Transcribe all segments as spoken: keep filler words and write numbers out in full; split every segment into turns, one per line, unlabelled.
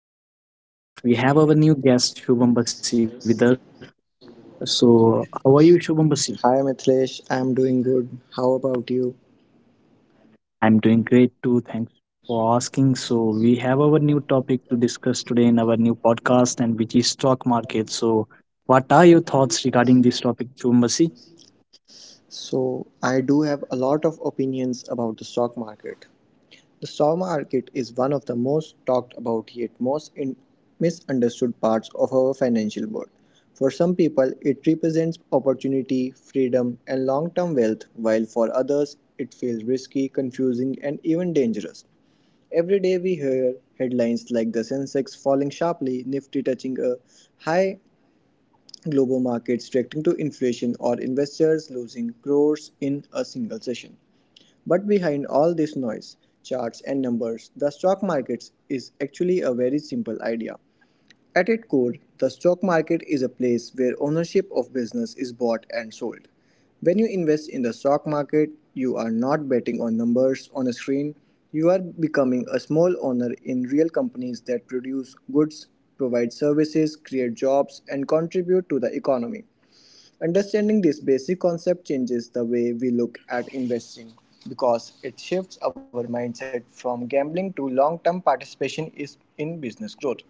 you in our new podcast. We have our new guest, Shubham Bakshi, with us. So, how are you, Shubham Bakshi?
Hi Mithilesh, I'm doing good. How about you?
I'm doing great too. Thanks for asking. So, we have our new topic to discuss today in our new podcast, and which is stock market. So, what are your thoughts regarding this topic, Shubham Bakshi?
So, I do have a lot of opinions about the stock market. The stock market is one of the most talked about yet most in- misunderstood parts of our financial world. For some people, it represents opportunity, freedom, and long term wealth, while for others, it feels risky, confusing, and even dangerous. Every day we hear headlines like the Sensex falling sharply, Nifty touching a high, global markets reacting to inflation, or investors losing crores in a single session. But behind all this noise, charts, and numbers, the stock markets is actually a very simple idea. At its core, the stock market is a place where ownership of business is bought and sold. When you invest in the stock market, you are not betting on numbers on a screen. You are becoming a small owner in real companies that produce goods, provide services, create jobs, and contribute to the economy. Understanding this basic concept changes the way we look at investing because it shifts our mindset from gambling to long term participation in business growth.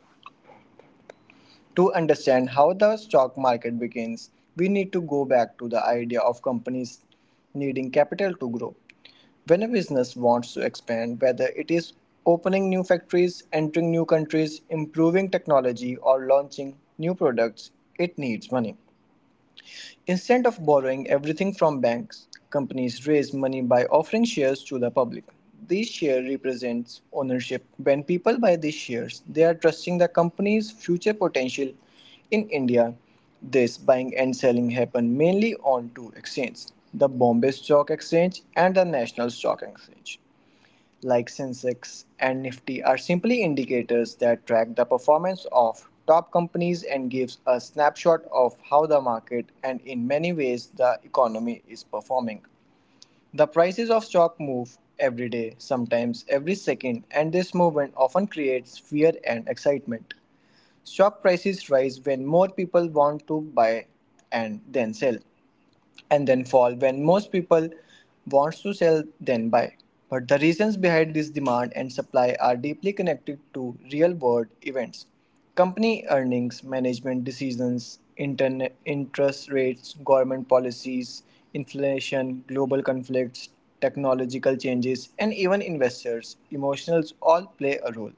To understand how the stock market begins, we need to go back to the idea of companies needing capital to grow. When a business wants to expand, whether it is opening new factories, entering new countries, improving technology, or launching new products, it needs money. Instead of borrowing everything from banks, companies raise money by offering shares to the public. This share represents ownership. When people buy these shares, they are trusting the company's future potential. In India, this buying and selling happen mainly on two exchanges, the Bombay Stock Exchange and the National Stock Exchange, like Sensex and Nifty are simply indicators that track the performance of top companies and gives a snapshot of how the market and in many ways the economy is performing. The prices of stock move every day, sometimes every second, and this movement often creates fear and excitement. Stock prices rise when more people want to buy and then sell, and then fall when most people wants to sell then buy, but the reasons behind this demand and supply are deeply connected to real world events, company earnings, management decisions, internet interest rates, government policies, inflation, global conflicts, technological changes, and even investors emotions all play a role.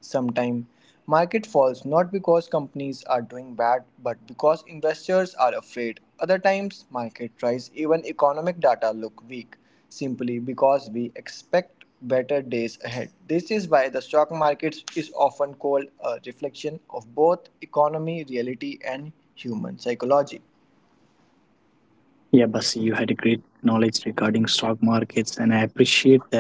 Sometimes market falls not because companies are doing bad but because investors are afraid. Other times market rise even economic data look weak simply because we expect better days ahead. This is why the stock market is often called a reflection of both economy reality and human psychology.
Yeah, Basi, you had a great knowledge regarding stock markets, and I appreciate that.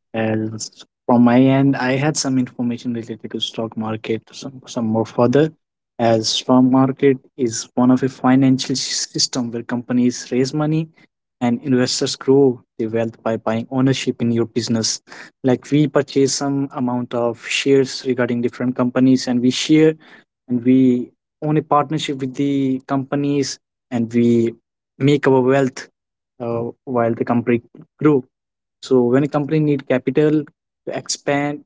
As from my end, I had some information related to stock market, some, some more further. As stock market is one of a financial s- system where companies raise money and investors grow their wealth by buying ownership in your business. Like we purchase some amount of shares regarding different companies and we share and we own a partnership with the companies and we make our wealth uh, while the company grow. So when a company need capital to expand,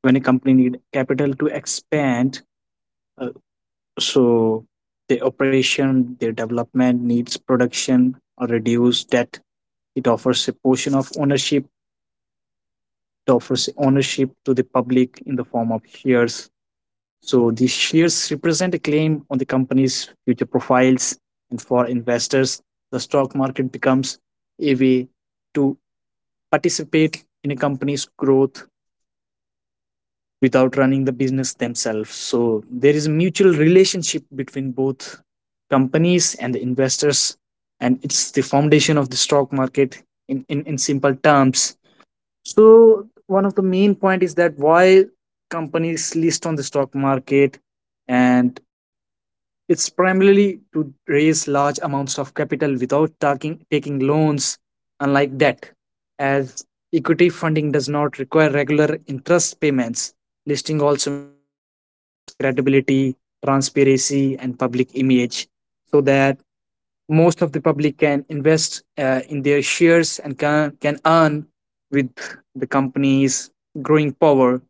when a company need capital to expand, uh, so the operation, their development needs production or reduce debt. It offers a portion of ownership. It offers ownership to the public in the form of shares. So these shares represent a claim on the company's future profiles, and for investors, the stock market becomes a way to participate in a company's growth without running the business themselves. So there is a mutual relationship between both companies and the investors, and it's the foundation of the stock market in, in, in simple terms. So one of the main point is that why companies list on the stock market, and it's primarily to raise large amounts of capital without taking, taking loans, unlike debt, as equity funding does not require regular interest payments. Listing also improves a company's credibility, transparency, and public image so that most of the public can invest uh, in their shares and can, can earn with the company's growing power.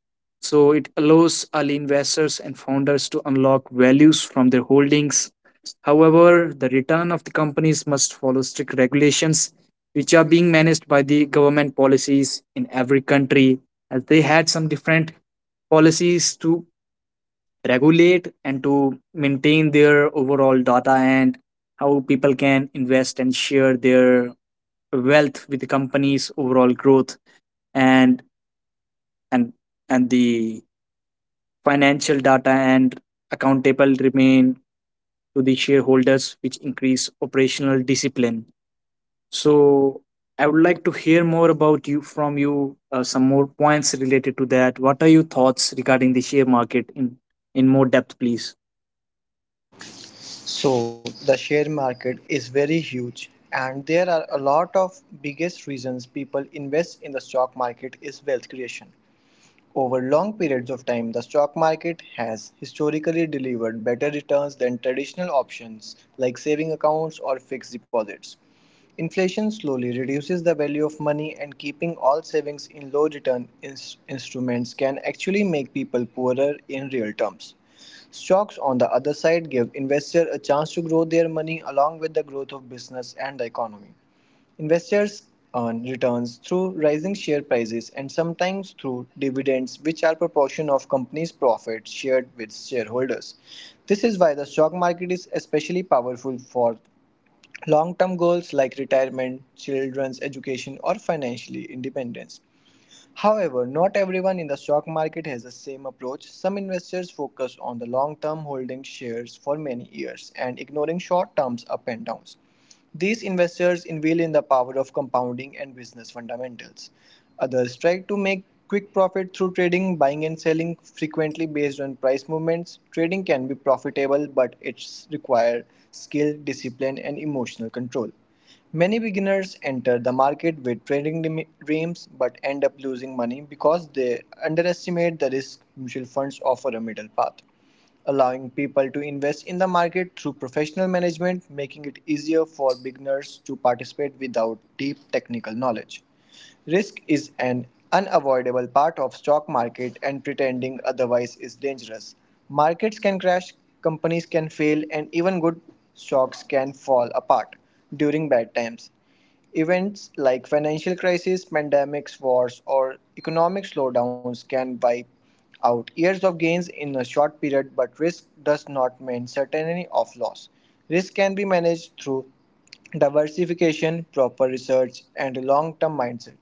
So it allows early investors and founders to unlock values from their holdings. However, the return of the companies must follow strict regulations, which are being managed by the government policies in every country, as they had some different policies to regulate and to maintain their overall data and how people can invest and share their wealth with the company's overall growth and and and the financial data and accountable remain to the shareholders which increase operational discipline. So I would like to hear more about you from you, uh, some more points related to that. What are your thoughts regarding the share market in in more depth, please?
So the share market is very huge and there are a lot of biggest reasons people invest in the stock market is wealth creation. Over long periods of time, the stock market has historically delivered better returns than traditional options like saving accounts or fixed deposits. Inflation slowly reduces the value of money, and keeping all savings in low return ins- instruments can actually make people poorer in real terms. Stocks, on the other side, give investors a chance to grow their money along with the growth of business and the economy. Investors earn returns through rising share prices and sometimes through dividends which are proportion of company's profits shared with shareholders. This is why the stock market is especially powerful for long-term goals like retirement, children's education or financial independence. However, not everyone in the stock market has the same approach. Some investors focus on the long term holding shares for many years and ignoring short term up and downs. These investors invest in the power of compounding and business fundamentals. Others try to make quick profit through trading, buying and selling frequently based on price movements. Trading can be profitable, but it requires skill, discipline, and emotional control. Many beginners enter the market with trading dreams but end up losing money because they underestimate the risk. Mutual funds offer a middle path, allowing people to invest in the market through professional management, making it easier for beginners to participate without deep technical knowledge. Risk is an unavoidable part of stock market and pretending otherwise is dangerous. Markets can crash, companies can fail, and even good stocks can fall apart during bad times. Events like financial crises, pandemics, wars, or economic slowdowns can wipe out years of gains in a short period, but risk does not mean certainty of loss. Risk can be managed through diversification, proper research, and a long term mindset.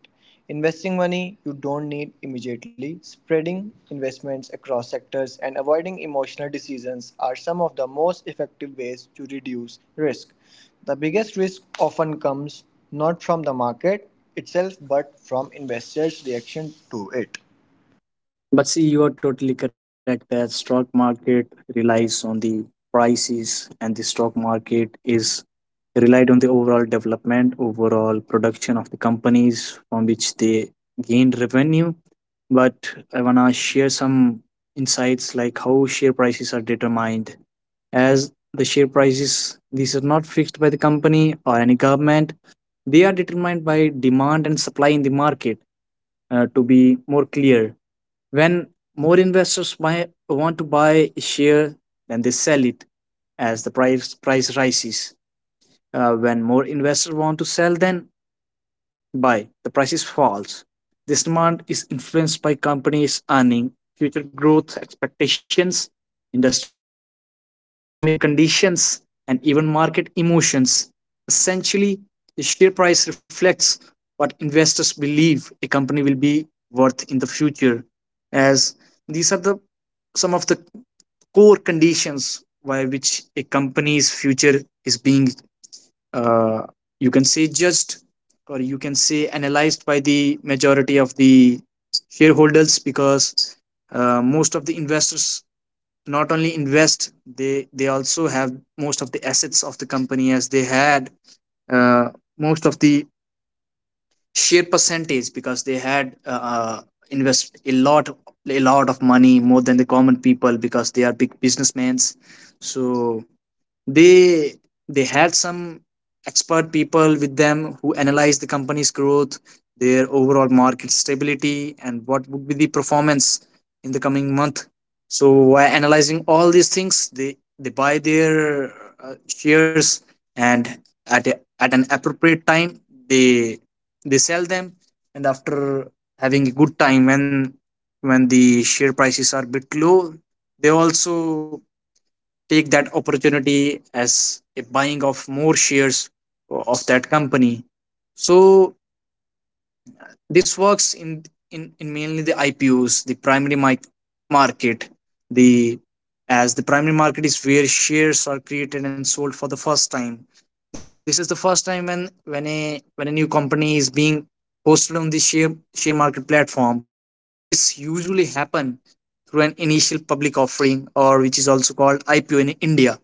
Investing money you don't need immediately, spreading investments across sectors, and avoiding emotional decisions are some of the most effective ways to reduce risk. The biggest risk often comes not from the market itself but from investors' reaction to it.
But see, you are totally correct that stock market relies on the prices and the stock market is relied on the overall development, overall production of the companies from which they gain revenue. But I wanna share some insights like how share prices are determined. As the share prices, these are not fixed by the company or any government. They are determined by demand and supply in the market. Uh, to be more clear, when more investors buy, want to buy a share then they sell it, as the price, price rises. Uh, when more investors want to sell, then buy. The price is false. This demand is influenced by companies' earning, future growth expectations, industry performance, economic conditions, and even market emotions. Essentially, the share price reflects what investors believe a company will be worth in the future, as these are the some of the core conditions by which a company's future is being, uh, you can say, judged or you can say analyzed by the majority of the shareholders, because uh, most of the investors not only invest, they they also have most of the assets of the company as they had, uh, most of the share percentage, because they had uh, uh, invest a lot, a lot of money more than the common people because they are big businessmen. So they they had some expert people with them who analyzed the company's growth, their overall market stability and what would be the performance in the coming month. So while analyzing all these things they they buy their uh, shares and at a, at an appropriate time they they sell them, and after having a good time, when when the share prices are bit low, they also take that opportunity as a buying of more shares of that company. So this works in in, in mainly the IPOs, the primary mic- market. The, as the primary market is where shares are created and sold for the first time. This is the first time when, when a when a new company is being posted on the share share market platform. This usually happen through an initial public offering, or which is also called IPO in India.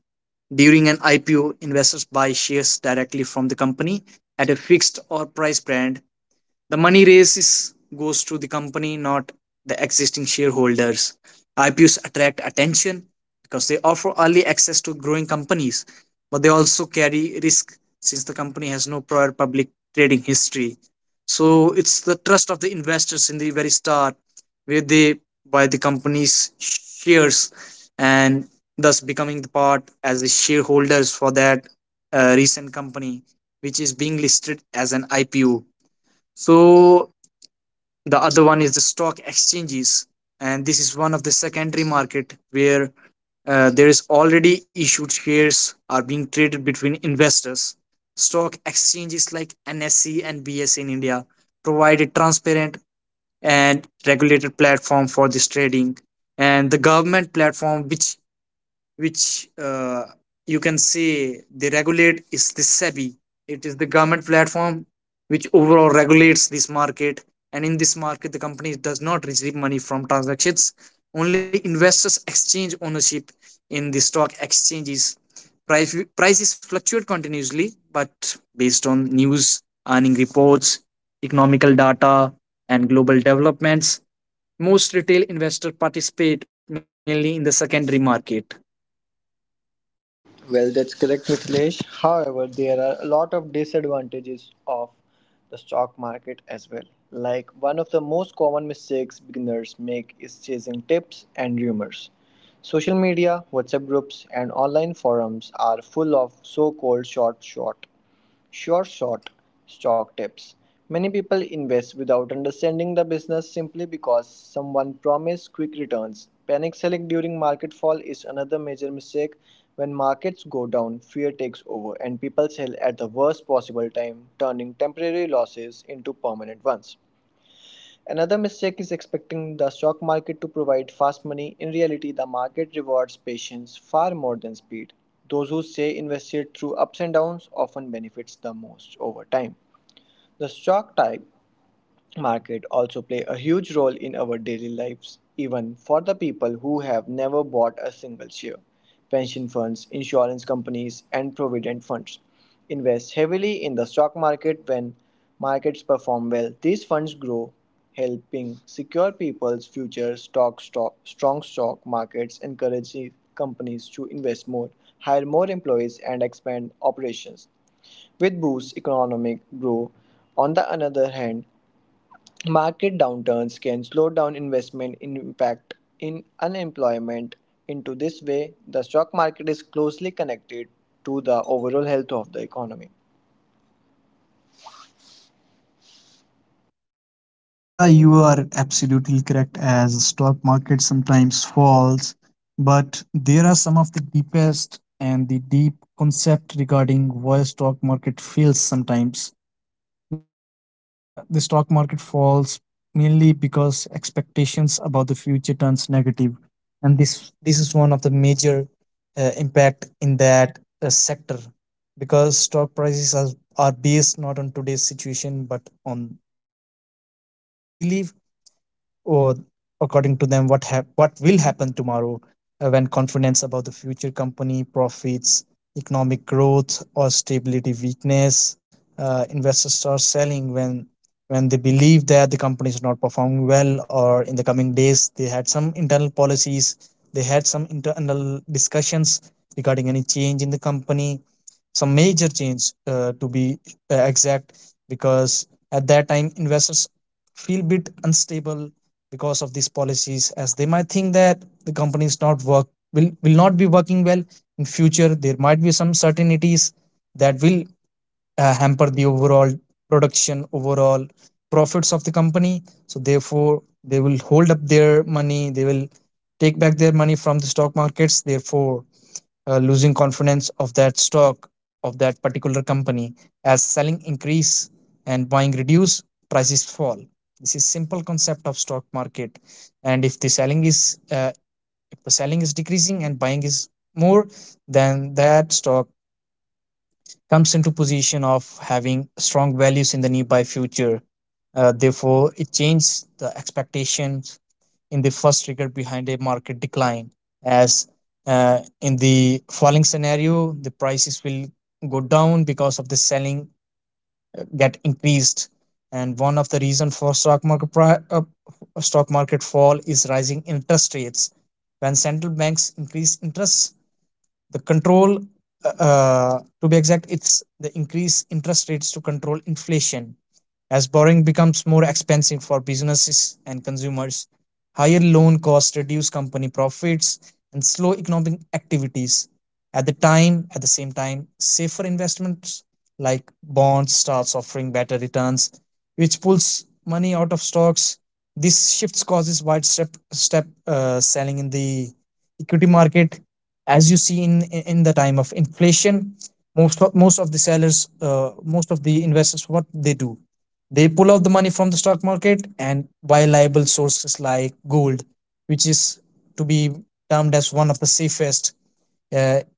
During an I P O, investors buy shares directly from the company at a fixed or price brand. The money raises goes to the company, not the existing shareholders. I P Os attract attention because they offer early access to growing companies, but they also carry risk since the company has no prior public trading history. So it's the trust of the investors in the very start where they buy the company's shares and thus becoming the part as the shareholders for that uh, recent company which is being listed as an I P O. So the other one is the stock exchanges, and this is one of the secondary market where uh, there is already issued shares are being traded between investors. Stock exchanges like N S E and B S E in India provide a transparent and regulated platform for this trading, and the government platform which which uh, you can say they regulate is the SEBI. It is the government platform which overall regulates this market. And in this market, the company does not receive money from transactions. Only investors exchange ownership in the stock exchanges. Price, prices fluctuate continuously, but based on news, earning reports, economical data, and global developments, most retail investors participate mainly in the secondary market.
Well, that's correct, Mithilesh. However, there are a lot of disadvantages of the stock market as well. Like one of the most common mistakes beginners make is chasing tips and rumors. Social media, WhatsApp groups, and online forums are full of so called short short. Sure shot stock tips. Many people invest without understanding the business simply because someone promised quick returns. Panic selling during market fall is another major mistake. When markets go down, fear takes over and people sell at the worst possible time, turning temporary losses into permanent ones. Another mistake is expecting the stock market to provide fast money. In reality, the market rewards patience far more than speed. Those who stay invested through ups and downs often benefits the most over time. The stock type market also play a huge role in our daily lives, even for the people who have never bought a single share. Pension funds, insurance companies, and provident funds invest heavily in the stock market. When markets perform well, these funds grow, helping secure people's futures. Stock, stock, strong stock markets encourage companies to invest more, hire more employees, and expand operations. With boosts economic growth, on the other hand, market downturns can slow down investment in impact in unemployment. Into this way, the stock market is closely connected to the overall health of the economy.
Yeah, you are absolutely correct, as the stock market sometimes falls, but there are some of the deepest and the deep concept regarding why stock market fails sometimes, because uh, the stock market falls mainly because expectations about the future turns negative, and this this is one of the major uh, impact in that uh, sector, because stock prices are, are based not on today's situation but on what investors believe, or according to them what hap- what will happen tomorrow. Uh, when confidence about the future company profits, economic growth or stability weakness, uh, investors start selling when when they believe that the company is not performing well, or in the coming days they had some internal policies, they had some internal discussions regarding any change in the company, some major change, uh, to be uh, exact, because at that time investors feel bit unstable because of these policies, as they might think that the company not work will will not be working well in future. There might be some certainties that will uh, hamper the overall production, overall profits of the company. So therefore they will hold up their money, they will take back their money from the stock markets, therefore uh, losing confidence of that stock of that particular company. As selling increase and buying reduce, prices fall. This is simple concept of stock market. And if the selling is uh, if the selling is decreasing and buying is more, then that stock comes into position of having strong values in the nearby future. Uh, therefore it changes the expectation in the first trigger behind a market decline. As, uh, in the falling scenario, the prices will go down because of the selling uh, get increased. And one of the reason for stock market pri- uh, stock market fall is rising interest rates. When central banks increase interest, the control, uh, uh, to be exact, it's the increase interest rates to control inflation, as borrowing becomes more expensive for businesses and consumers, higher loan costs reduce company profits and slow economic activities. At the time, at the same time, safer investments like bonds starts offering better returns, which pulls money out of stocks. This shifts causes widespread step uh, selling in the equity market, as you see in in the time of inflation. Most of, most of the sellers, uh, most of the investors, what they do they pull out the money from the stock market and buy liable sources like gold, which is to be termed as one of the safest uh,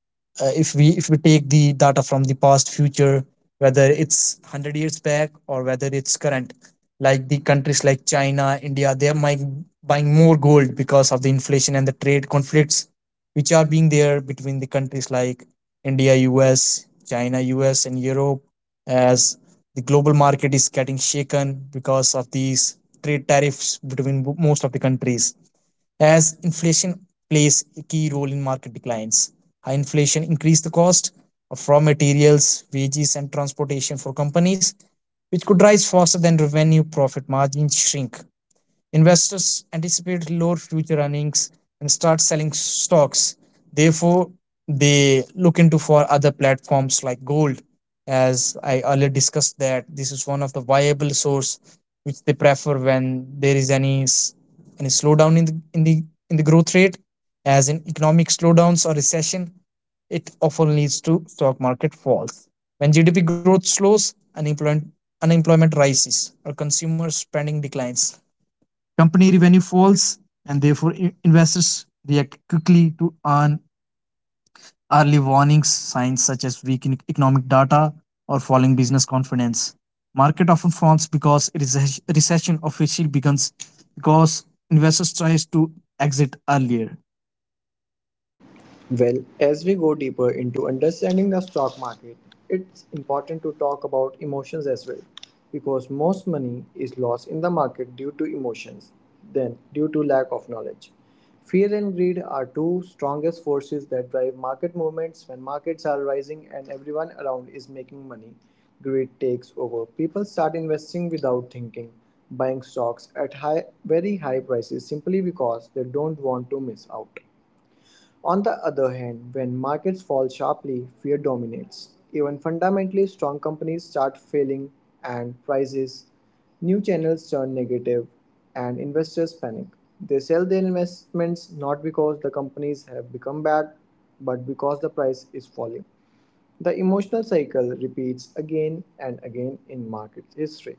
uh, if we if we take the data from the past future, whether it's one hundred years back or whether it's current. Like the countries like China, India, they are mi- buying more gold because of the inflation and the trade conflicts which are being there between the countries like India, US, China, US and Europe, as the global market is getting shaken because of these trade tariffs between most of the countries, as inflation plays a key role in market declines. High inflation increased the cost of raw materials, wages, and transportation for companies, which could rise faster than revenue profit margins shrink. Investors anticipate lower future earnings and start selling stocks. Therefore, they look into for other platforms like gold. As I earlier discussed, that this is one of the viable source which they prefer when there is any s- any slowdown in the in the in the growth rate. As in economic slowdowns or recession, it often leads to stock market falls. When G D P growth slows, unemployment unemployment rises or consumer spending declines, company revenue falls, and therefore i- investors react quickly to earn early warnings, signs such as weak in- economic data or falling business confidence. Market often falls because a recess- recession officially begins because investors tries to exit earlier.
Well, as we go deeper into understanding the stock market, it's important to talk about emotions as well because most money is lost in the market due to emotions than due to lack of knowledge. Fear and greed are two strongest forces that drive market movements when markets are rising and everyone around is making money. Greed takes over. People start investing without thinking, buying stocks at high very high prices simply because they don't want to miss out. On the other hand, when markets fall sharply, fear dominates. Even fundamentally strong companies start failing and prices, new channels turn negative, and investors panic. They sell their investments not because the companies have become bad, but because the price is falling. The emotional cycle repeats again and again in market history,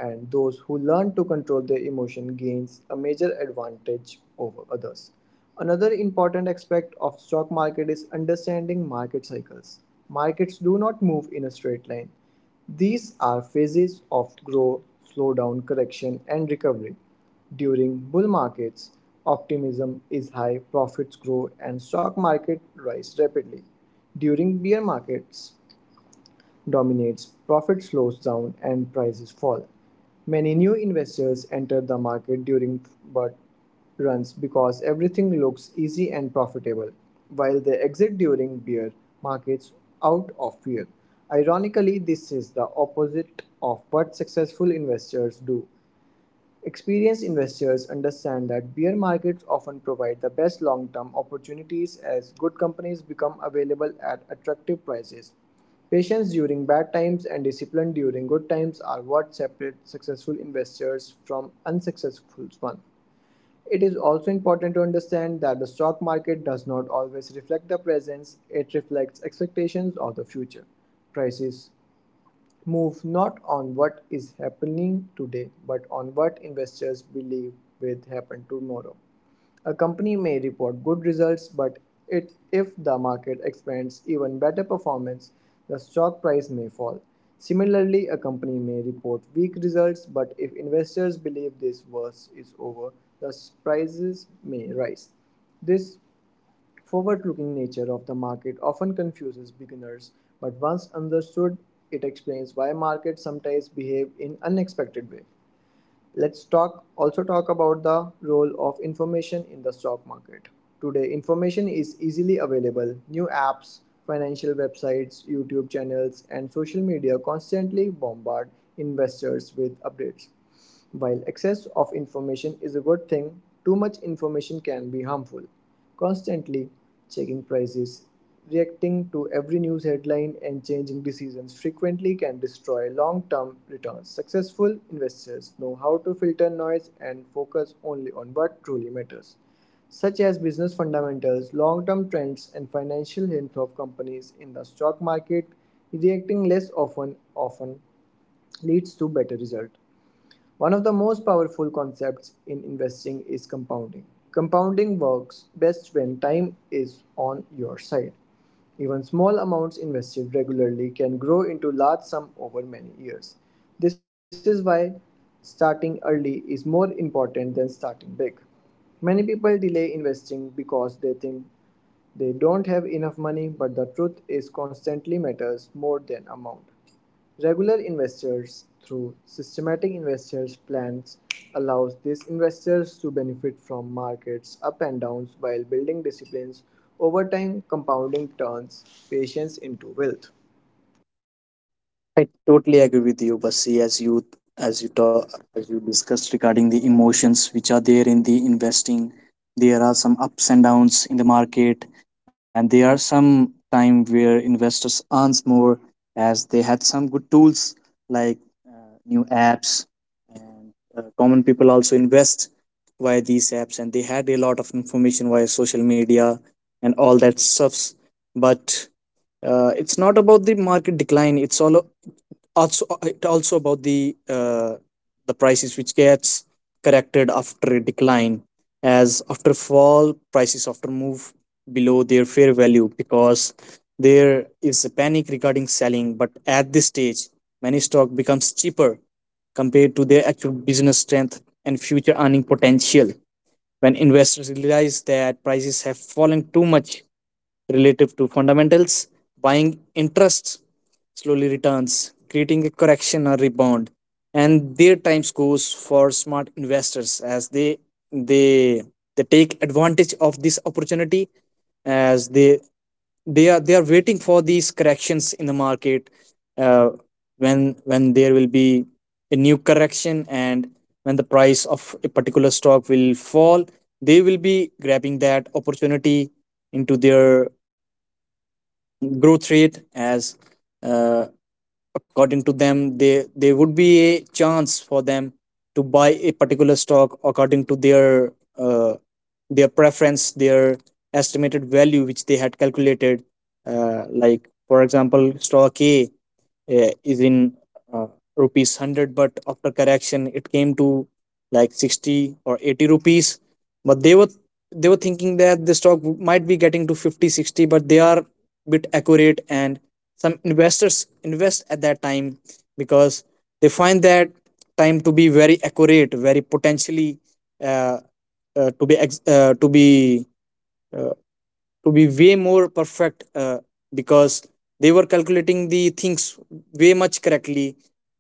and those who learn to control their emotion gains a major advantage over others. Another important aspect of stock market is understanding market cycles. Markets do not move in a straight line. These are phases of growth, slowdown, correction, and recovery. During bull markets, optimism is high, profits grow, and stock market rise rapidly. During bear markets dominates, profit slows down and prices fall. Many new investors enter the market during bull runs because everything looks easy and profitable, while they exit during bear markets out of fear. Ironically, this is the opposite of what successful investors do. Experienced investors understand that bear markets often provide the best long-term opportunities as good companies become available at attractive prices. Patience during bad times and discipline during good times are what separate successful investors from unsuccessful ones. It is also important to understand that the stock market does not always reflect the present, it reflects expectations of the future. Prices move not on what is happening today but on what investors believe will happen tomorrow. A company may report good results, but it, if the market expects even better performance, the stock price may fall. Similarly, a company may report weak results, but if investors believe this worst is over, the prices may rise. This forward looking nature of the market often confuses beginners, but once understood, it explains why markets sometimes behave in unexpected ways. Let's talk also talk about the role of information in the stock market. Today, information is easily available. New apps, financial websites, YouTube channels, and social media constantly bombard investors with updates. While excess of information is a good thing, too much information can be harmful. Constantly checking prices, reacting to every news headline and changing decisions frequently can destroy long term returns. Successful investors know how to filter noise and focus only on what truly matters, such as business fundamentals, long term trends, and financial health of companies in the stock market. Reacting less often often leads to better result. One of the most powerful concepts in investing is compounding. Compounding works best when time is on your side. Even small amounts invested regularly can grow into large sums over many years. This is why starting early is more important than starting big. Many people delay investing because they think they don't have enough money, but the truth is constantly matters more than amount. Regular investors through systematic investors plans allows these investors to benefit from markets up and downs while building disciplines over time. Compounding turns patience into wealth.
I totally agree with you, Basi. As you as you talk, as you discussed regarding the emotions which are there in the investing, there are some ups and downs in the market, and there are some time where investors earns more as they had some good tools like uh, new apps, and uh, common people also invest via these apps, and they had a lot of information via social media and all that stuffs. But uh, it's not about the market decline, it's all also uh, it also about the uh, the prices which gets corrected after a decline, as after fall prices often move below their fair value because there is a panic regarding selling. But at this stage many stock becomes cheaper compared to their actual business strength and future earning potential. When investors realize that prices have fallen too much relative to fundamentals, buying interests slowly returns, creating a correction or rebound. And their time goes for smart investors as they they they take advantage of this opportunity as they they are they are waiting for these corrections in the market. uh, when when there will be a new correction and when the price of a particular stock will fall, they will be grabbing that opportunity into their growth rate, as uh, according to them they there would be a chance for them to buy a particular stock according to their uh, their preference their estimated value which they had calculated. Uh, like for example, stock A uh, is in uh, rupees one hundred, but after correction it came to like sixty or eighty rupees, but they were they were thinking that the stock w- might be getting to fifty, sixty, but they are bit accurate, and some investors invest at that time because they find that time to be very accurate, very potentially uh, uh, to be ex- uh, to be uh, to be way more perfect, uh, because they were calculating the things way much correctly.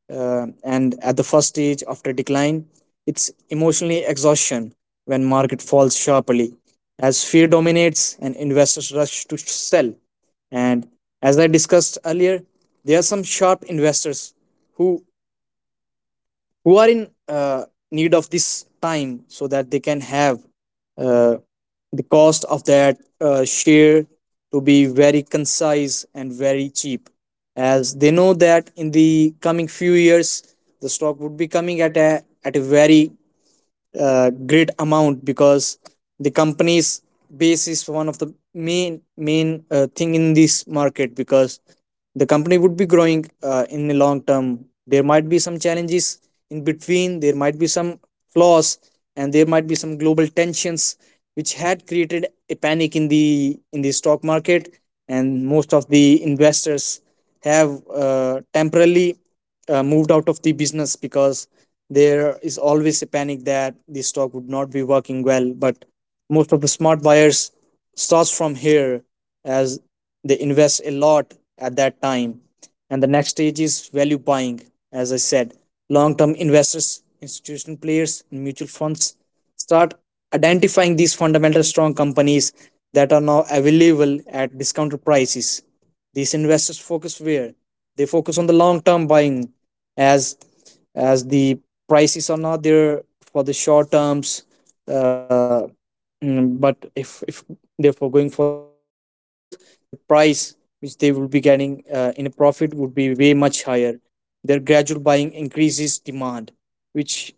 uh, And at the first stage after decline, it's emotionally exhaustion when market falls sharply, as fear dominates and investors rush to sell. And as I discussed earlier, there are some sharp investors who who are in uh, need of this time so that they can have uh, the cost of that uh, share to be very concise and very cheap, as they know that in the coming few years the stock would be coming at a at a very uh, great amount, because the company's base is one of the main main uh, thing in this market, because the company would be growing uh, in the long term. There might be some challenges in between, there might be some flaws, and there might be some global tensions which had created a panic in the in the stock market, and most of the investors have uh, temporarily uh, moved out of the business because there is always a panic that the stock would not be working well. But most of the smart buyers starts from here, as they invest a lot at that time. And the next stage is value buying, as I said. Long term investors, institutional players and mutual funds start identifying these fundamental strong companies that are now available at discounted prices. These investors focus where they focus on the long term buying, as as the prices are not there for the short terms. uh, mm, but if if therefore going for the long term growth, the price which they will be getting uh, in a profit would be way much higher. Their gradual buying increases demand which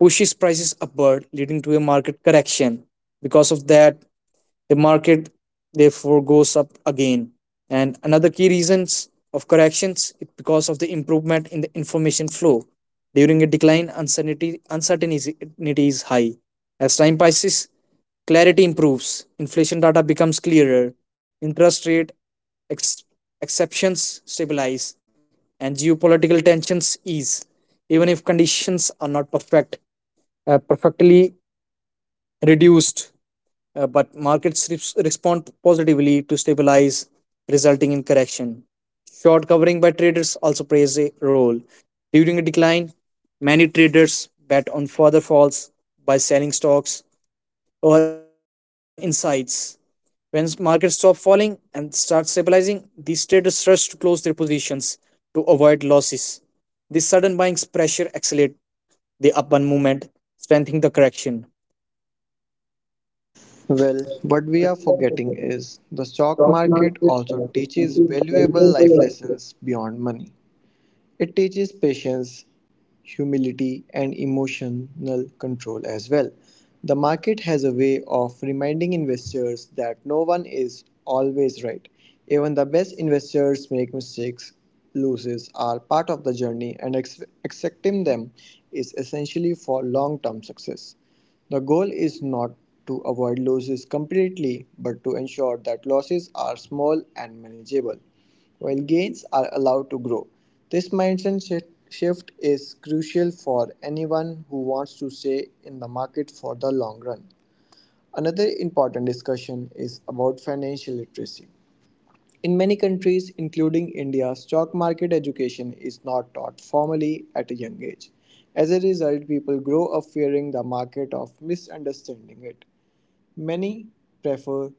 pushes prices upward, leading to a market correction. Because of that, the market therefore goes up again. And another key reasons of corrections is because of the improvement in the information flow. During a decline, uncertainty uncertainty is high. As time passes, clarity improves, inflation data becomes clearer, interest rate ex- exceptions stabilize, and geopolitical tensions ease. Even if conditions are not perfect, uh, perfectly reduced, uh, but markets res- respond positively to stabilize, resulting in correction. Short covering by traders also plays a role. During a decline, many traders bet on further falls by selling stocks or insights. When markets stop falling and start stabilizing, these traders rush to close their positions to avoid losses. This sudden buying pressure accelerates the upward movement, strengthening the correction.
Well, what we are forgetting is the stock
Stock
market
market,
also
uh, it
teaches
is very,
valuable
very,
life
very.
lessons beyond money. It teaches patience, humility, and emotional control as well. The market has a way of reminding investors that no one is always right. Even the best investors make mistakes. Losses are part of the journey, and ex- accepting them is essentially for long term success. The goal is not to avoid losses completely but to ensure that losses are small and manageable while gains are allowed to grow. This mindset shi- shift is crucial for anyone who wants to stay in the market for the long run. Another important discussion is about financial literacy. In many countries, including India, stock market education is not taught formally at a young age. As a result, people grow up fearing the market of misunderstanding it. Many prefer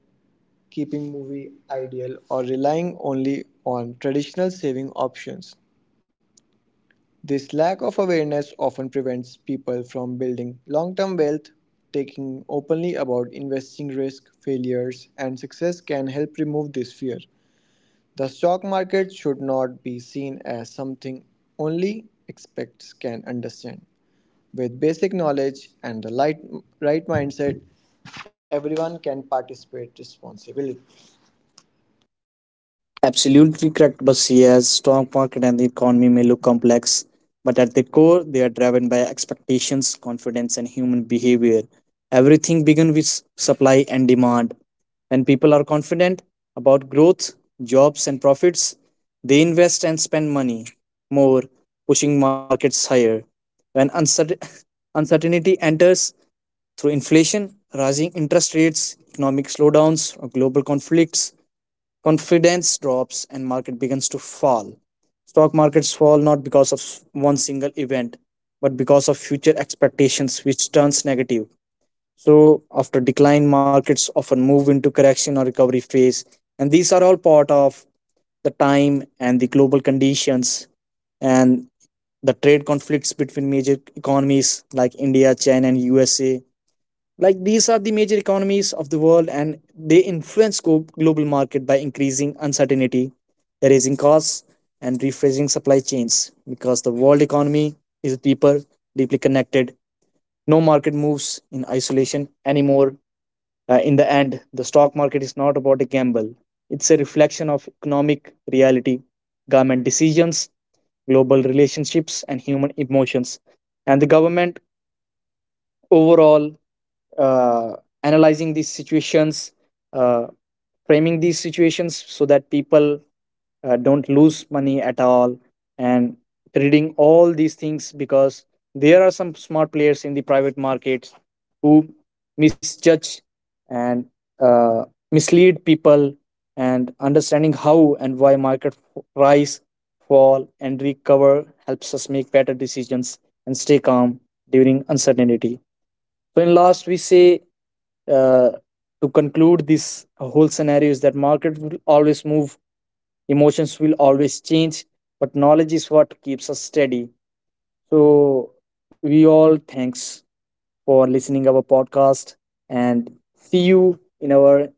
keeping movie ideal or relying only on traditional saving options. This lack of awareness often prevents people from building long term wealth. Taking openly about investing risk, failures, and success can help remove this fear. The stock market should not be seen as something only experts can understand. With basic knowledge and the light, right mindset, everyone can participate responsibly.
Absolutely correct, Basia's strong market and the economy may look complex, but at the core, they are driven by expectations, confidence, and human behavior. Everything begins with supply and demand. When people are confident about growth, jobs, and profits, they invest and spend money more, pushing markets higher. When uncertain- uncertainty enters, through inflation, rising interest rates, economic slowdowns, or global conflicts, confidence drops and market begins to fall. Stock markets fall not because of one single event but because of future expectations which turns negative. So after decline, markets often move into correction or recovery phase, and these are all part of the time and the global conditions, and the trade conflicts between major economies like India, China and USA. Like these are the major economies of the world and they influence go- global market by increasing uncertainty, raising costs and rephrasing supply chains, because the world economy is deeper, deeply connected. No market moves in isolation anymore. Uh, in the end, the stock market is not about a gamble. It's a reflection of economic reality, government decisions, global relationships and human emotions. And the government overall uh, analyzing these situations, uh, framing these situations so that people uh, don't lose money at all, and reading all these things, because there are some smart players in the private markets who misjudge and uh, mislead people. And understanding how and why market f- rise, fall and recover helps us make better decisions and stay calm during uncertainty. So in last we say, uh, to conclude this whole scenario is that market will always move, emotions will always change, but knowledge is what keeps us steady. So we all thanks for listening our podcast, and see you in our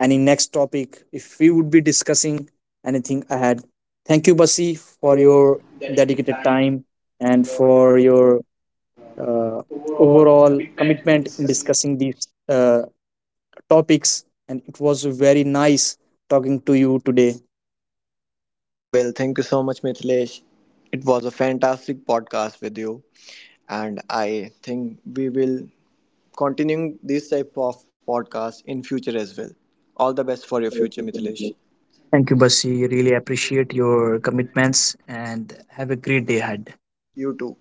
any next topic if we would be discussing anything ahead. Thank you, Basi,
For
for
your
your
dedicated
dedicated
time
time
and
and
for your
for your
uh,
uh,
overall
overall
commitment in
commitment in
discussing.
discussing these uh, topics, and it was very nice talking to you today.
Well, thank you so much, Mithilesh. It was a fantastic podcast with you, and I think we will continuing this type of podcast in future as well. All the best for your future, Mithilesh.
Thank you, Basi. Really appreciate your commitments and have a great day ahead.
You too.